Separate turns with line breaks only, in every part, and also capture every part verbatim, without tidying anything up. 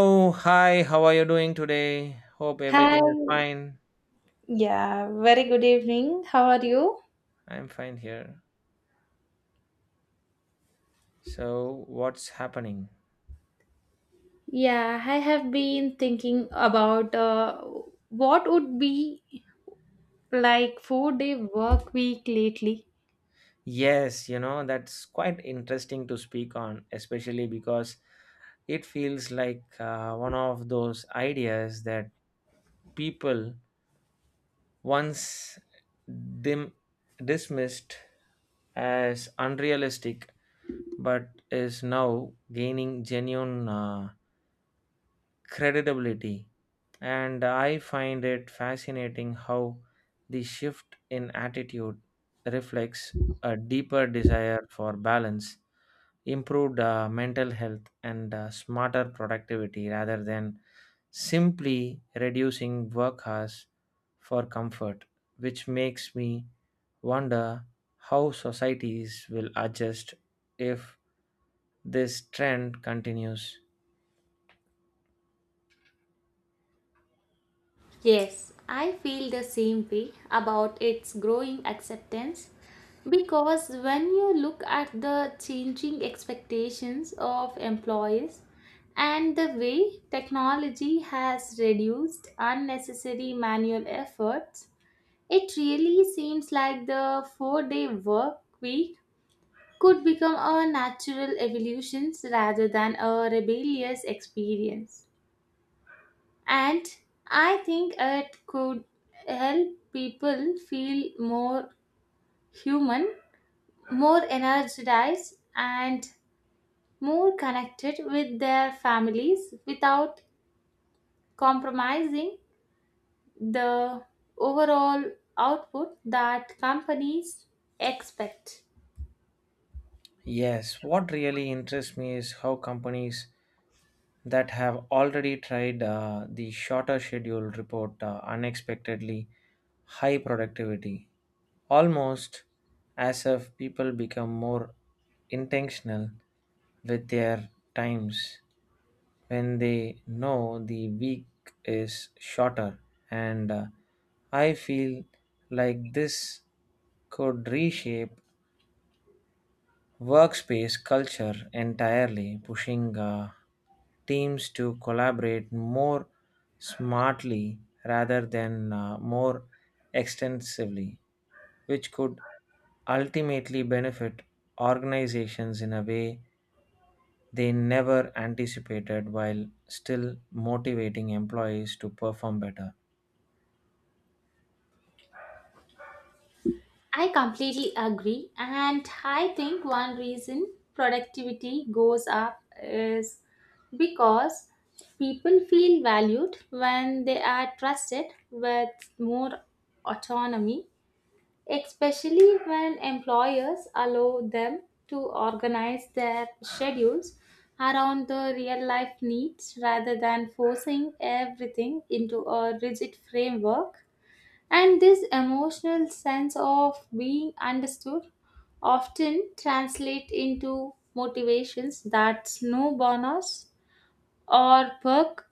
Oh, hi, how are you doing today? Hope
Hi,
everything is fine.
yeah, very good evening. How are you?
I'm fine here. So, what's happening?
Yeah, I have been thinking about uh, what would be like four-day work week lately.
Yes, you know, that's quite interesting to speak on, especially because it feels like uh, one of those ideas that people once dim- dismissed as unrealistic but is now gaining genuine uh, credibility. And I find it fascinating how the shift in attitude reflects a deeper desire for balance, improved uh, mental health, and uh, smarter productivity rather than simply reducing work hours for comfort, which makes me wonder how societies will adjust if this trend continues.
Yes, I feel the same way about its growing acceptance because when you look at the changing expectations of employees and the way technology has reduced unnecessary manual efforts, it really seems like the four day work week could become a natural evolution rather than a rebellious experience. And I think it could help people feel more human, more energized, and more connected with their families without compromising the overall output that companies expect.
Yes, what really interests me is how companies that have already tried uh, the shorter schedule report uh, unexpectedly high productivity, almost as if people become more intentional with their times when they know the week is shorter. And uh, I feel like this could reshape workspace culture entirely, pushing uh, teams to collaborate more smartly rather than uh, more extensively, which could ultimately benefit organizations in a way they never anticipated while still motivating employees to perform better.
I completely agree. And I think one reason productivity goes up is because people feel valued when they are trusted with more autonomy, especially when employers allow them to organize their schedules around the real life needs rather than forcing everything into a rigid framework, and this emotional sense of being understood often translate into motivations that no bonus or perk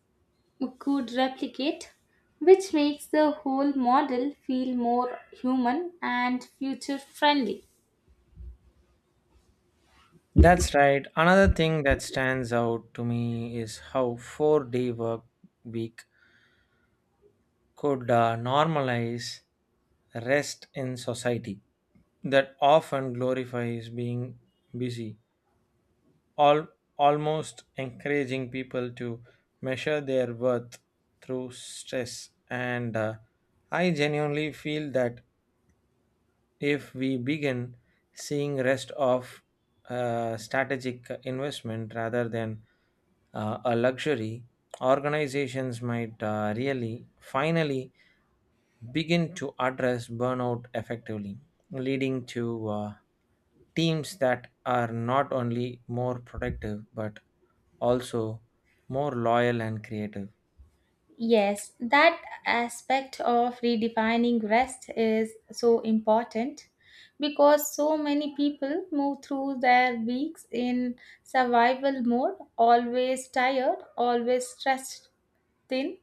could replicate, which makes the whole model feel more human and future friendly.
That's right. Another thing that stands out to me is how four day work week could uh, normalize rest in society that often glorifies being busy, all, almost encouraging people to measure their worth through stress. And uh, I genuinely feel that if we begin seeing rest of a strategic investment rather than uh, a luxury, organizations might uh, really finally begin to address burnout effectively, leading to uh, teams that are not only more productive but also more loyal and creative.
Yes, that aspect of redefining rest is so important because so many people move through their weeks in survival mode, always tired, always stressed thin,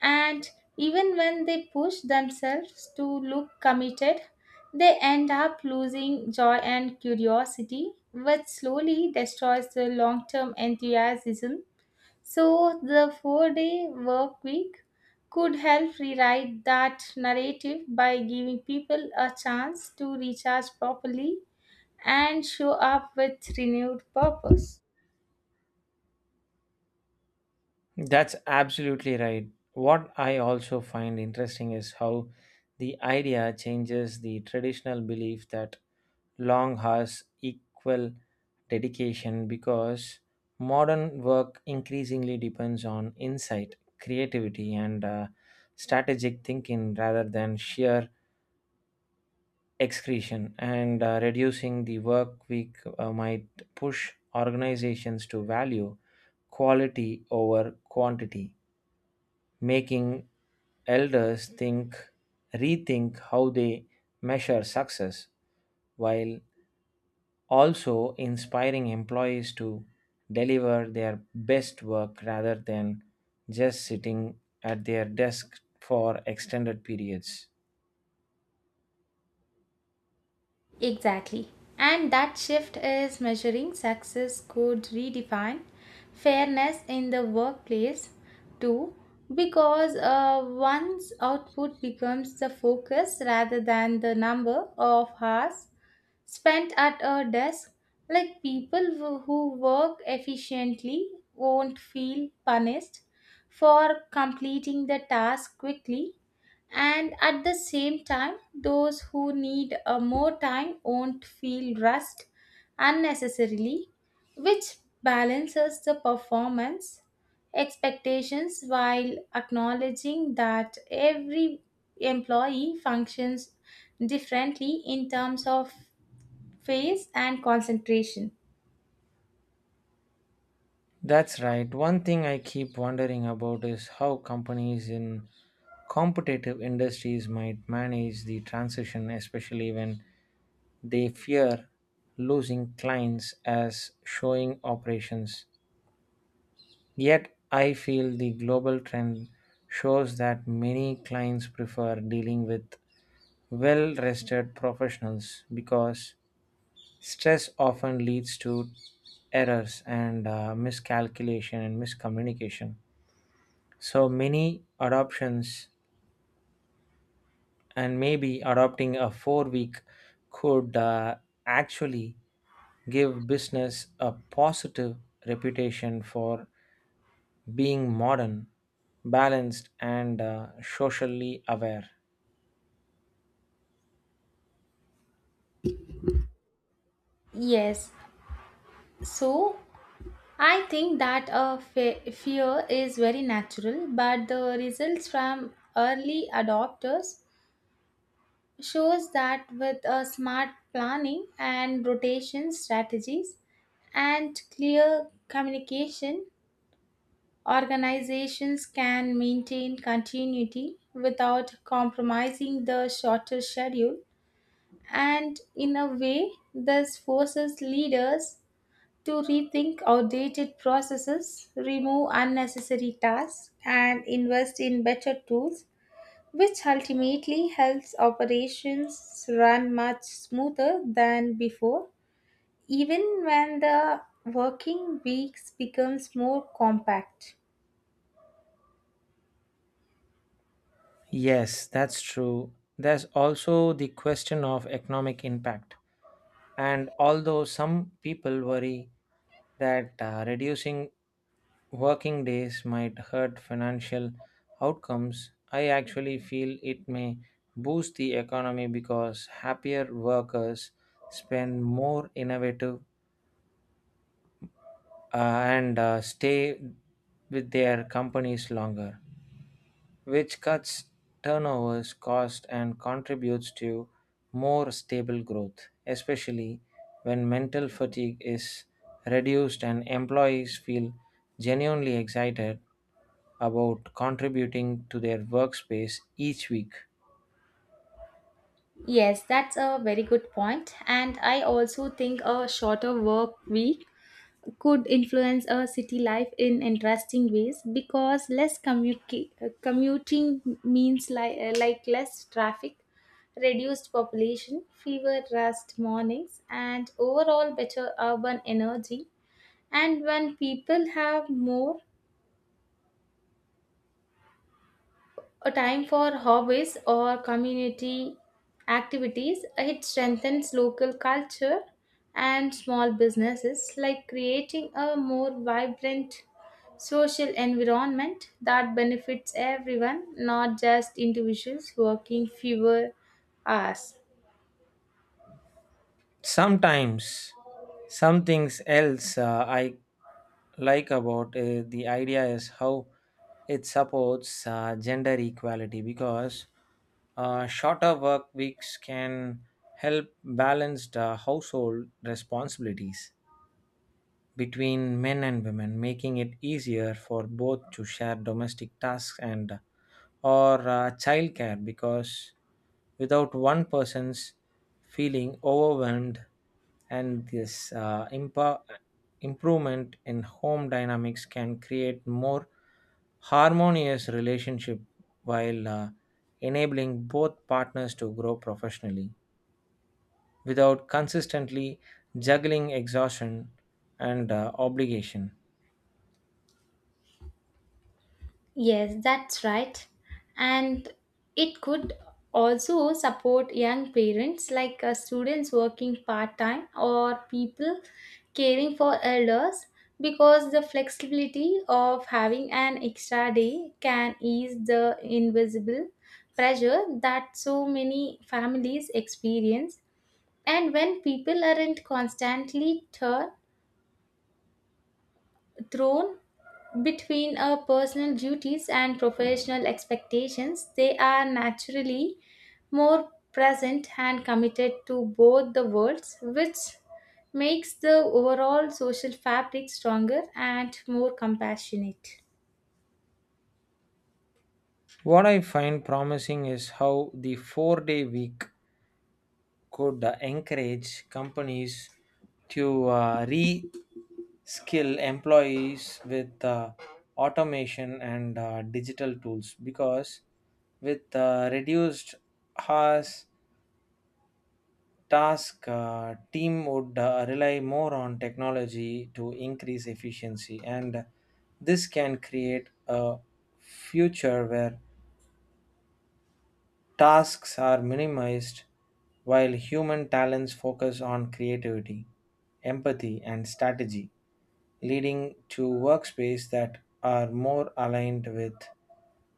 and even when they push themselves to look committed, they end up losing joy and curiosity, which slowly destroys the long term enthusiasm. So, the four day work week could help rewrite that narrative by giving people a chance to recharge properly and show up with renewed purpose.
That's absolutely right. What I also find interesting is how the idea changes the traditional belief that long hours equal dedication because modern work increasingly depends on insight, creativity, and uh, strategic thinking rather than sheer excretion. And uh, reducing the work week uh, might push organizations to value quality over quantity, making elders think rethink how they measure success while also inspiring employees to deliver their best work rather than just sitting at their desk for extended periods.
Exactly. And that shift is measuring success could redefine fairness in the workplace too, because uh, one's output becomes the focus rather than the number of hours spent at a desk. Like people who who work efficiently won't feel punished for completing the task quickly, and at the same time, those who need a more time won't feel rushed unnecessarily, which balances the performance expectations while acknowledging that every employee functions differently in terms of phase and concentration.
That's right. One thing I keep wondering about is how companies in competitive industries might manage the transition, especially when they fear losing clients as showing operations. Yet, I feel the global trend shows that many clients prefer dealing with well rested professionals because stress often leads to errors and uh, miscalculation and miscommunication. So many adoptions and maybe adopting a four week could uh, actually give business a positive reputation for being modern, balanced, and uh, socially aware.
Yes. So I think that a fe- fear is very natural, but the results from early adopters shows that with a smart planning and rotation strategies and clear communication, organizations can maintain continuity without compromising the shorter schedule. And in a way, this forces leaders to rethink outdated processes, remove unnecessary tasks, and invest in better tools, which ultimately helps operations run much smoother than before, even when the working weeks becomes more compact.
Yes, that's true. There's also the question of economic impact. And although some people worry that uh, reducing working days might hurt financial outcomes, I actually feel it may boost the economy because happier workers spend more innovative uh, and uh, stay with their companies longer, which cuts turnovers cost and contributes to more stable growth, especially when mental fatigue is reduced and employees feel genuinely excited about contributing to their workspace each week.
Yes, that's a very good point. And I also think a shorter work week could influence a city life in interesting ways because less commuti- uh, commuting means like, uh, like less traffic, reduced population, fewer rust mornings, and overall better urban energy. And when people have more a time for hobbies or community activities, it strengthens local culture and small businesses, like creating a more vibrant social environment that benefits everyone, not just individuals working fewer hours.
Sometimes, something else uh, I like about uh, the idea is how it supports uh, gender equality because uh, shorter work weeks can help balance the household responsibilities between men and women, making it easier for both to share domestic tasks and or uh, childcare because without one person's feeling overwhelmed, and this uh, impo- improvement in home dynamics can create more harmonious relationship while uh, enabling both partners to grow professionally without consistently juggling exhaustion and uh, obligation.
Yes, that's right. And it could also support young parents like uh, students working part time or people caring for elders because the flexibility of having an extra day can ease the invisible pressure that so many families experience. And when people aren't constantly turned thrown between our personal duties and professional expectations, they are naturally more present and committed to both the worlds, which makes the overall social fabric stronger and more compassionate.
What I find promising is how the four day week could uh, encourage companies to uh, re skill employees with uh, automation and uh, digital tools because with uh, reduced hours, task uh, team would uh, rely more on technology to increase efficiency, and this can create a future where tasks are minimized while human talents focus on creativity, empathy, and strategy, leading to workspaces that are more aligned with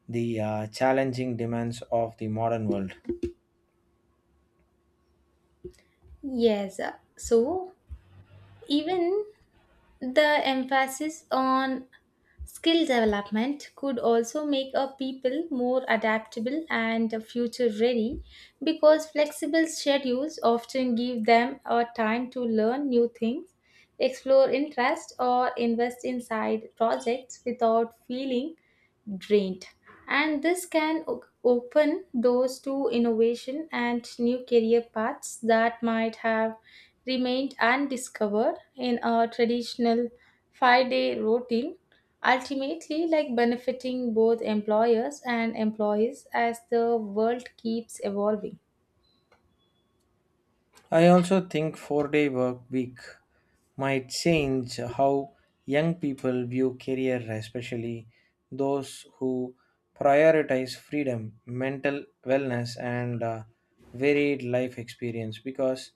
the uh, challenging demands of the modern world.
Yes, uh, so even the emphasis on skill development could also make a people more adaptable and future ready because flexible schedules often give them a time to learn new things, explore interests, or invest inside projects without feeling drained. And this can o- open doors to innovation and new career paths that might have remained undiscovered in a traditional five day routine, ultimately, like benefiting both employers and employees as the world keeps evolving.
I also think four day work week might change how young people view career, especially those who prioritize freedom, mental wellness, and uh, varied life experience because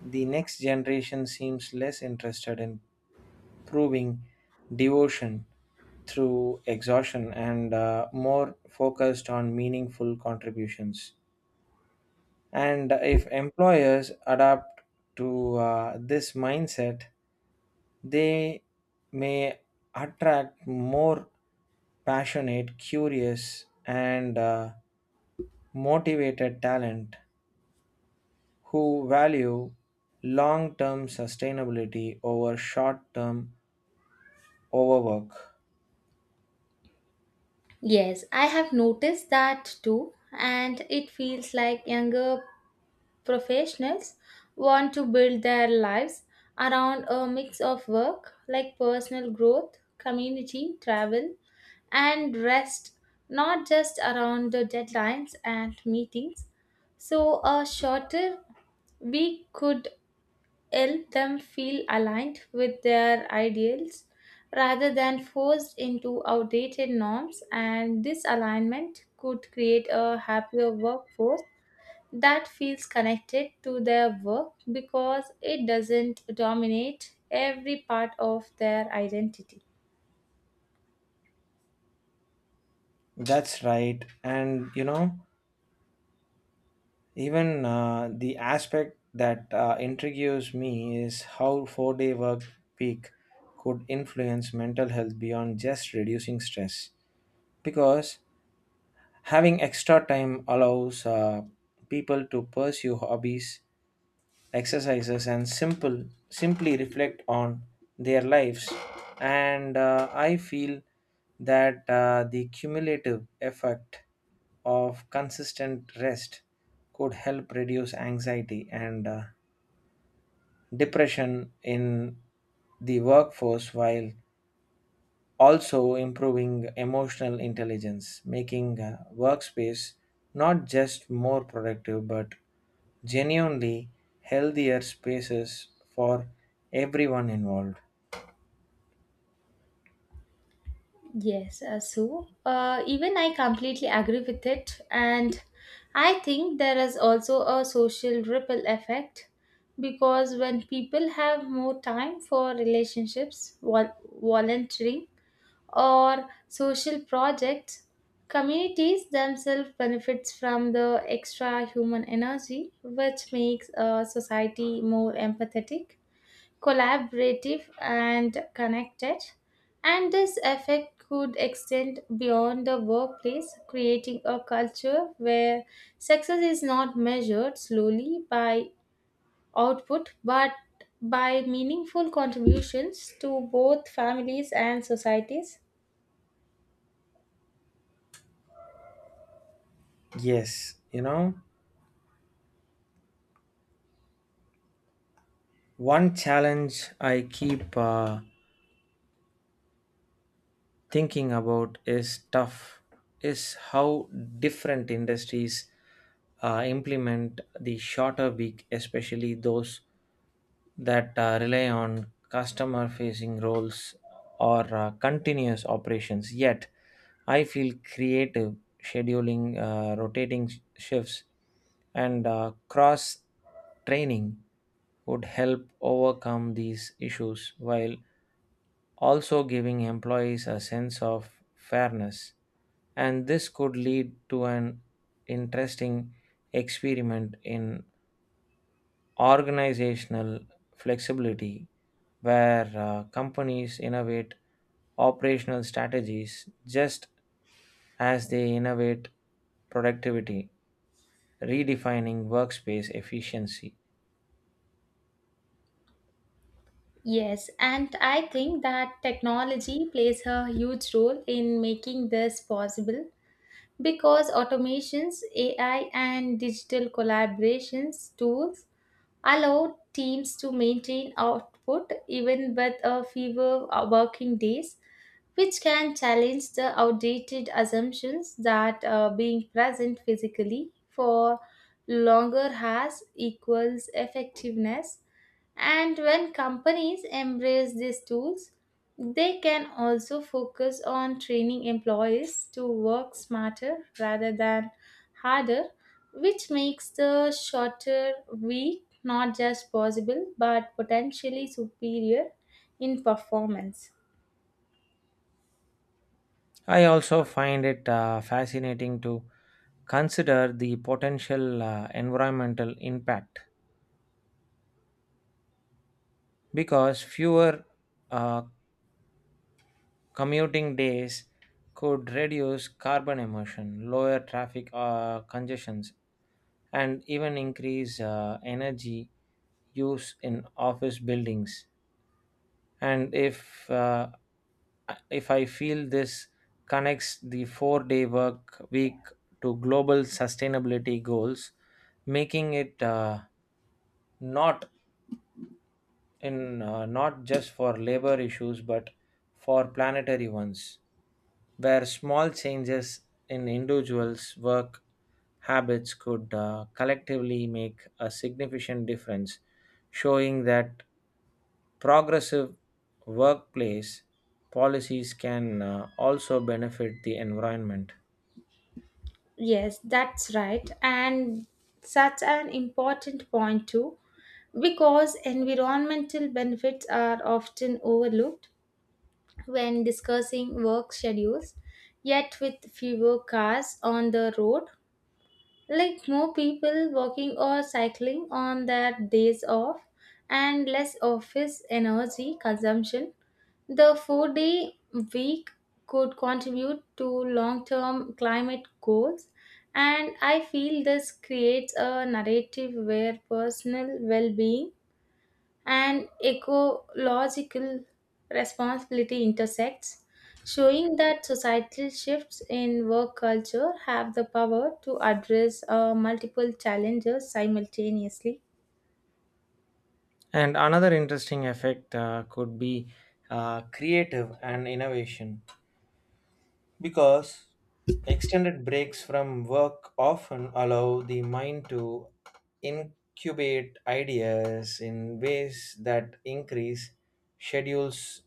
the next generation seems less interested in proving devotion through exhaustion and uh, more focused on meaningful contributions. And if employers adapt to uh, this mindset, they may attract more passionate, curious, and uh, motivated talent who value long term sustainability over short term overwork.
Yes, I have noticed that too, and it feels like younger professionals want to build their lives around a mix of work like personal growth, community, travel, and rest, not just around the deadlines and meetings. So, a shorter week could help them feel aligned with their ideals rather than forced into outdated norms, and this alignment could create a happier workforce that feels connected to their work because it doesn't dominate every part of their identity.
That's right. And you know, even uh, the aspect that uh, intrigues me is how four day work week could influence mental health beyond just reducing stress, because having extra time allows uh, people to pursue hobbies, exercises, and simple simply reflect on their lives. And uh, i feel that uh, the cumulative effect of consistent rest could help reduce anxiety and uh, depression in the workforce while also improving emotional intelligence, making uh, workspace not just more productive but genuinely healthier spaces for everyone involved.
Yes, uh, so uh, even I completely agree with it, and I think there is also a social ripple effect because when people have more time for relationships, vol- volunteering, or social projects, communities themselves benefits from the extra human energy, which makes a society more empathetic, collaborative, and connected. And this effect could extend beyond the workplace, creating a culture where success is not measured slowly by output but by meaningful contributions to both families and societies.
Yes, you know, one challenge I keep uh, thinking about is tough is how different industries uh, implement the shorter week, especially those that uh, rely on customer facing roles or uh, continuous operations. Yet, I feel creative scheduling, uh, rotating sh- shifts, and uh, cross training would help overcome these issues while also giving employees a sense of fairness. And this could lead to an interesting experiment in organizational flexibility where uh, companies innovate operational strategies just as they innovate productivity, redefining workspace efficiency.
Yes, and I think that technology plays a huge role in making this possible because automations, A I, and digital collaborations tools allow teams to maintain output even with a fewer uh, working days, which can challenge the outdated assumptions that uh, being present physically for longer has equals effectiveness. And when companies embrace these tools, they can also focus on training employees to work smarter rather than harder, which makes the shorter week not just possible but potentially superior in performance.
I also find it uh, fascinating to consider the potential uh, environmental impact because fewer uh, commuting days could reduce carbon emission, lower traffic uh, congestions, and even increase uh, energy use in office buildings. And if uh, if I feel this connects the four-day work week to global sustainability goals, making it uh, not in uh, not just for labor issues but for planetary ones where small changes in individuals' work habits could uh, collectively make a significant difference, showing that progressive workplace policies can uh, also benefit the environment.
Yes, that's right. And such an important point, too, because environmental benefits are often overlooked when discussing work schedules. Yet, with fewer cars on the road, like more people walking or cycling on their days off, and less office energy consumption, the four day week could contribute to long term climate goals, and I feel this creates a narrative where personal well being and ecological responsibility intersects, showing that societal shifts in work culture have the power to address uh, multiple challenges simultaneously.
And another interesting effect uh, could be uh, creative and innovation because extended breaks from work often allow the mind to incubate ideas in ways that increase schedules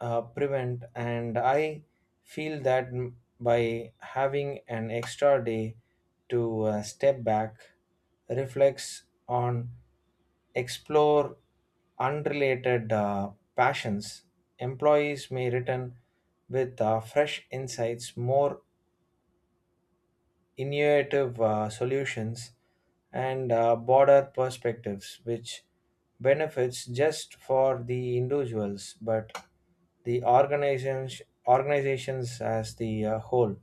uh, prevent. And i feel that m- by having an extra day to uh, step back, reflects on, explore unrelated uh, passions, employees may return with uh, fresh insights, more innovative uh, solutions, and uh, broader perspectives, which benefits just for the individuals but the organizations organizations as the uh, whole,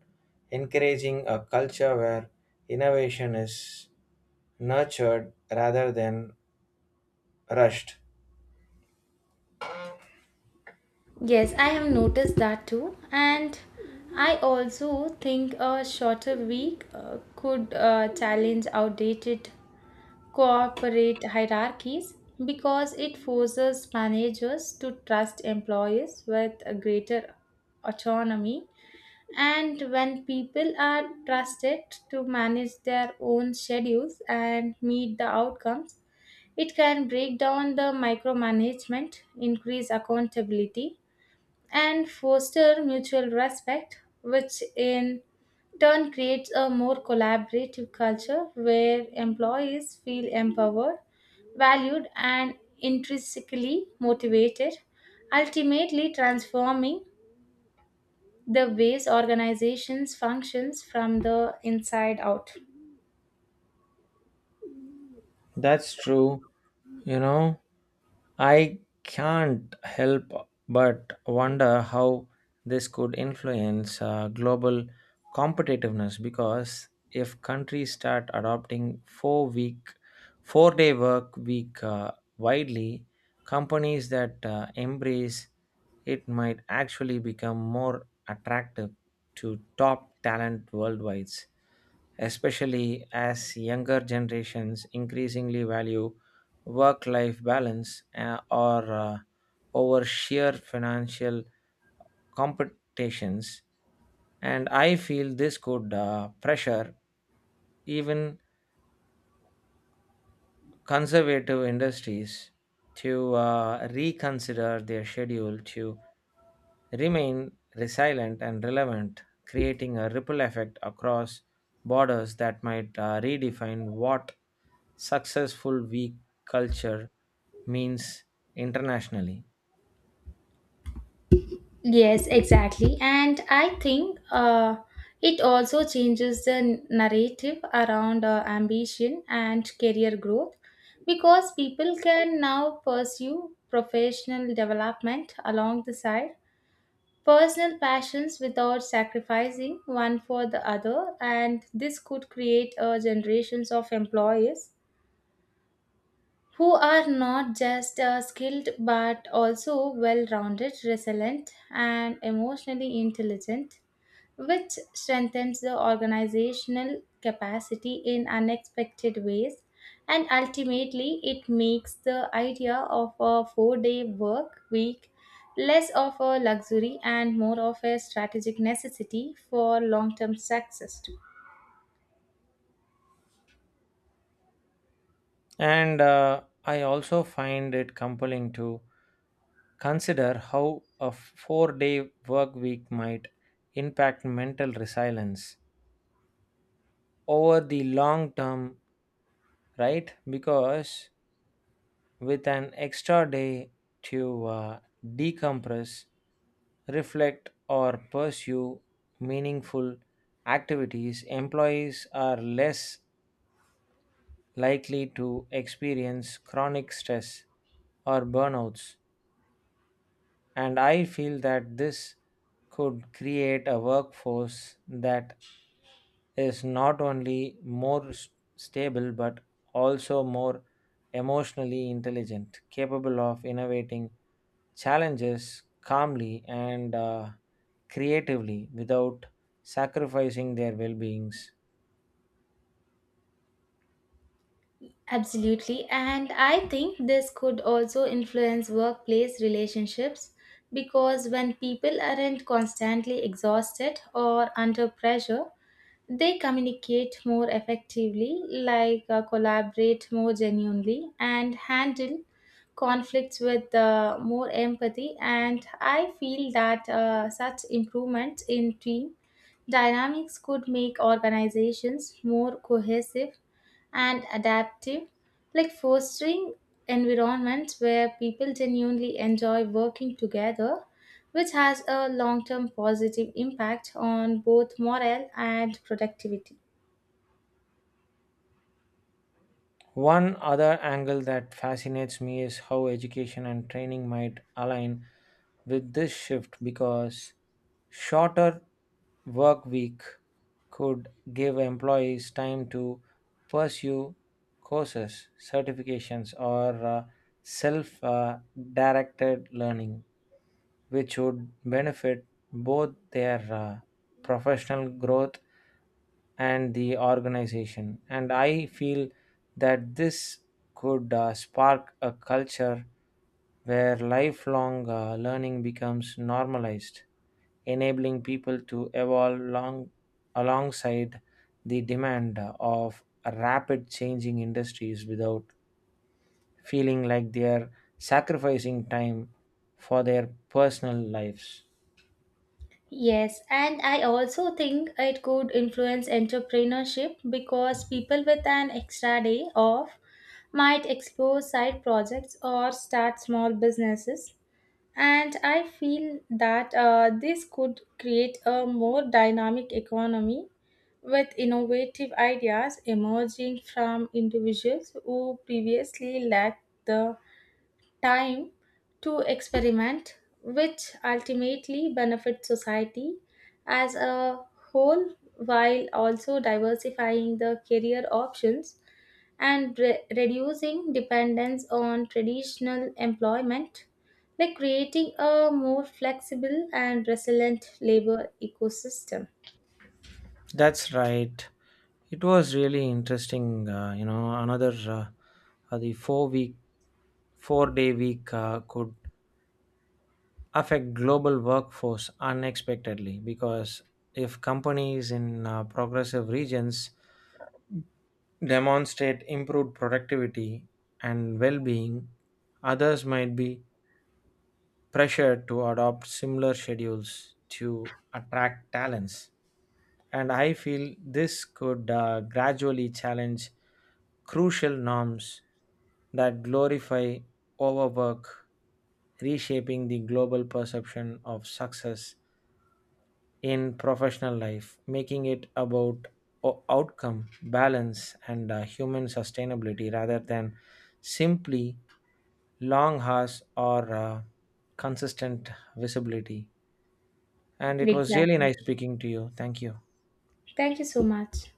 encouraging a culture where innovation is nurtured rather than rushed.
Yes, I have noticed that too. And I also think a shorter week uh, could uh, challenge outdated corporate hierarchies because it forces managers to trust employees with a greater autonomy. And when people are trusted to manage their own schedules and meet the outcomes, it can break down the micromanagement, increase accountability, and foster mutual respect, which in turn creates a more collaborative culture where employees feel empowered, valued, and intrinsically motivated, ultimately transforming the ways organizations functions from the inside out.
That's true. You know, I can't help but wonder how this could influence uh, global competitiveness because if countries start adopting four week four day work week uh, widely, companies that uh, embrace it might actually become more attractive to top talent worldwide, especially as younger generations increasingly value work life balance uh, or uh, over sheer financial competitions. And I feel this could uh, pressure even conservative industries to uh, reconsider their schedule to remain resilient and relevant, creating a ripple effect across borders that might uh, redefine what successful week culture means internationally.
Yes, exactly. And I think uh, it also changes the narrative around uh, ambition and career growth because people can now pursue professional development along the side, personal passions without sacrificing one for the other. And this could create uh, generations of employees who are not just uh, skilled but also well rounded, resilient, and emotionally intelligent, which strengthens the organizational capacity in unexpected ways. And ultimately, it makes the idea of a four day work week less of a luxury and more of a strategic necessity for long term success, too.
And uh, I also find it compelling to consider how a four day work week might impact mental resilience over the long term, right? Because with an extra day to uh, decompress, reflect, or pursue meaningful activities, employees are less likely to experience chronic stress or burnouts. And I feel that this could create a workforce that is not only more s- stable but also more emotionally intelligent, capable of innovating challenges calmly and uh, creatively without sacrificing their well beings.
Absolutely. And I think this could also influence workplace relationships because when people aren't constantly exhausted or under pressure, they communicate more effectively, like uh, collaborate more genuinely, and handle conflicts with uh, more empathy. And I feel that uh, such improvements in team dynamics could make organizations more cohesive and adaptive, like fostering environments where people genuinely enjoy working together, which has a long term positive impact on both morale and productivity.
One other angle that fascinates me is how education and training might align with this shift because shorter work week could give employees time to pursue courses, certifications, or uh, self uh, directed learning, which would benefit both their uh, professional growth and the organization. And I feel that this could uh, spark a culture where lifelong uh, learning becomes normalized, enabling people to evolve long, alongside the demand of rapid changing industries without feeling like they're sacrificing time for their personal lives.
Yes, and I also think it could influence entrepreneurship because people with an extra day off might explore side projects or start small businesses. And I feel that uh, this could create a more dynamic economy with innovative ideas emerging from individuals who previously lacked the time to experiment, which ultimately benefits society as a whole while also diversifying the career options and re- reducing dependence on traditional employment, like creating a more flexible and resilient labor ecosystem.
That's right. It was really interesting. Uh, you know, another uh, uh, the four week, four day week uh, could affect global workforce unexpectedly because if companies in uh, progressive regions demonstrate improved productivity and well being, others might be pressure to adopt similar schedules to attract talents. And I feel this could uh, gradually challenge crucial norms that glorify overwork, reshaping the global perception of success in professional life, making it about o- outcome, balance, and uh, human sustainability rather than simply long hours or uh, consistent visibility. And it was really
Exactly.
nice speaking to you. Thank you.
Thank you so much.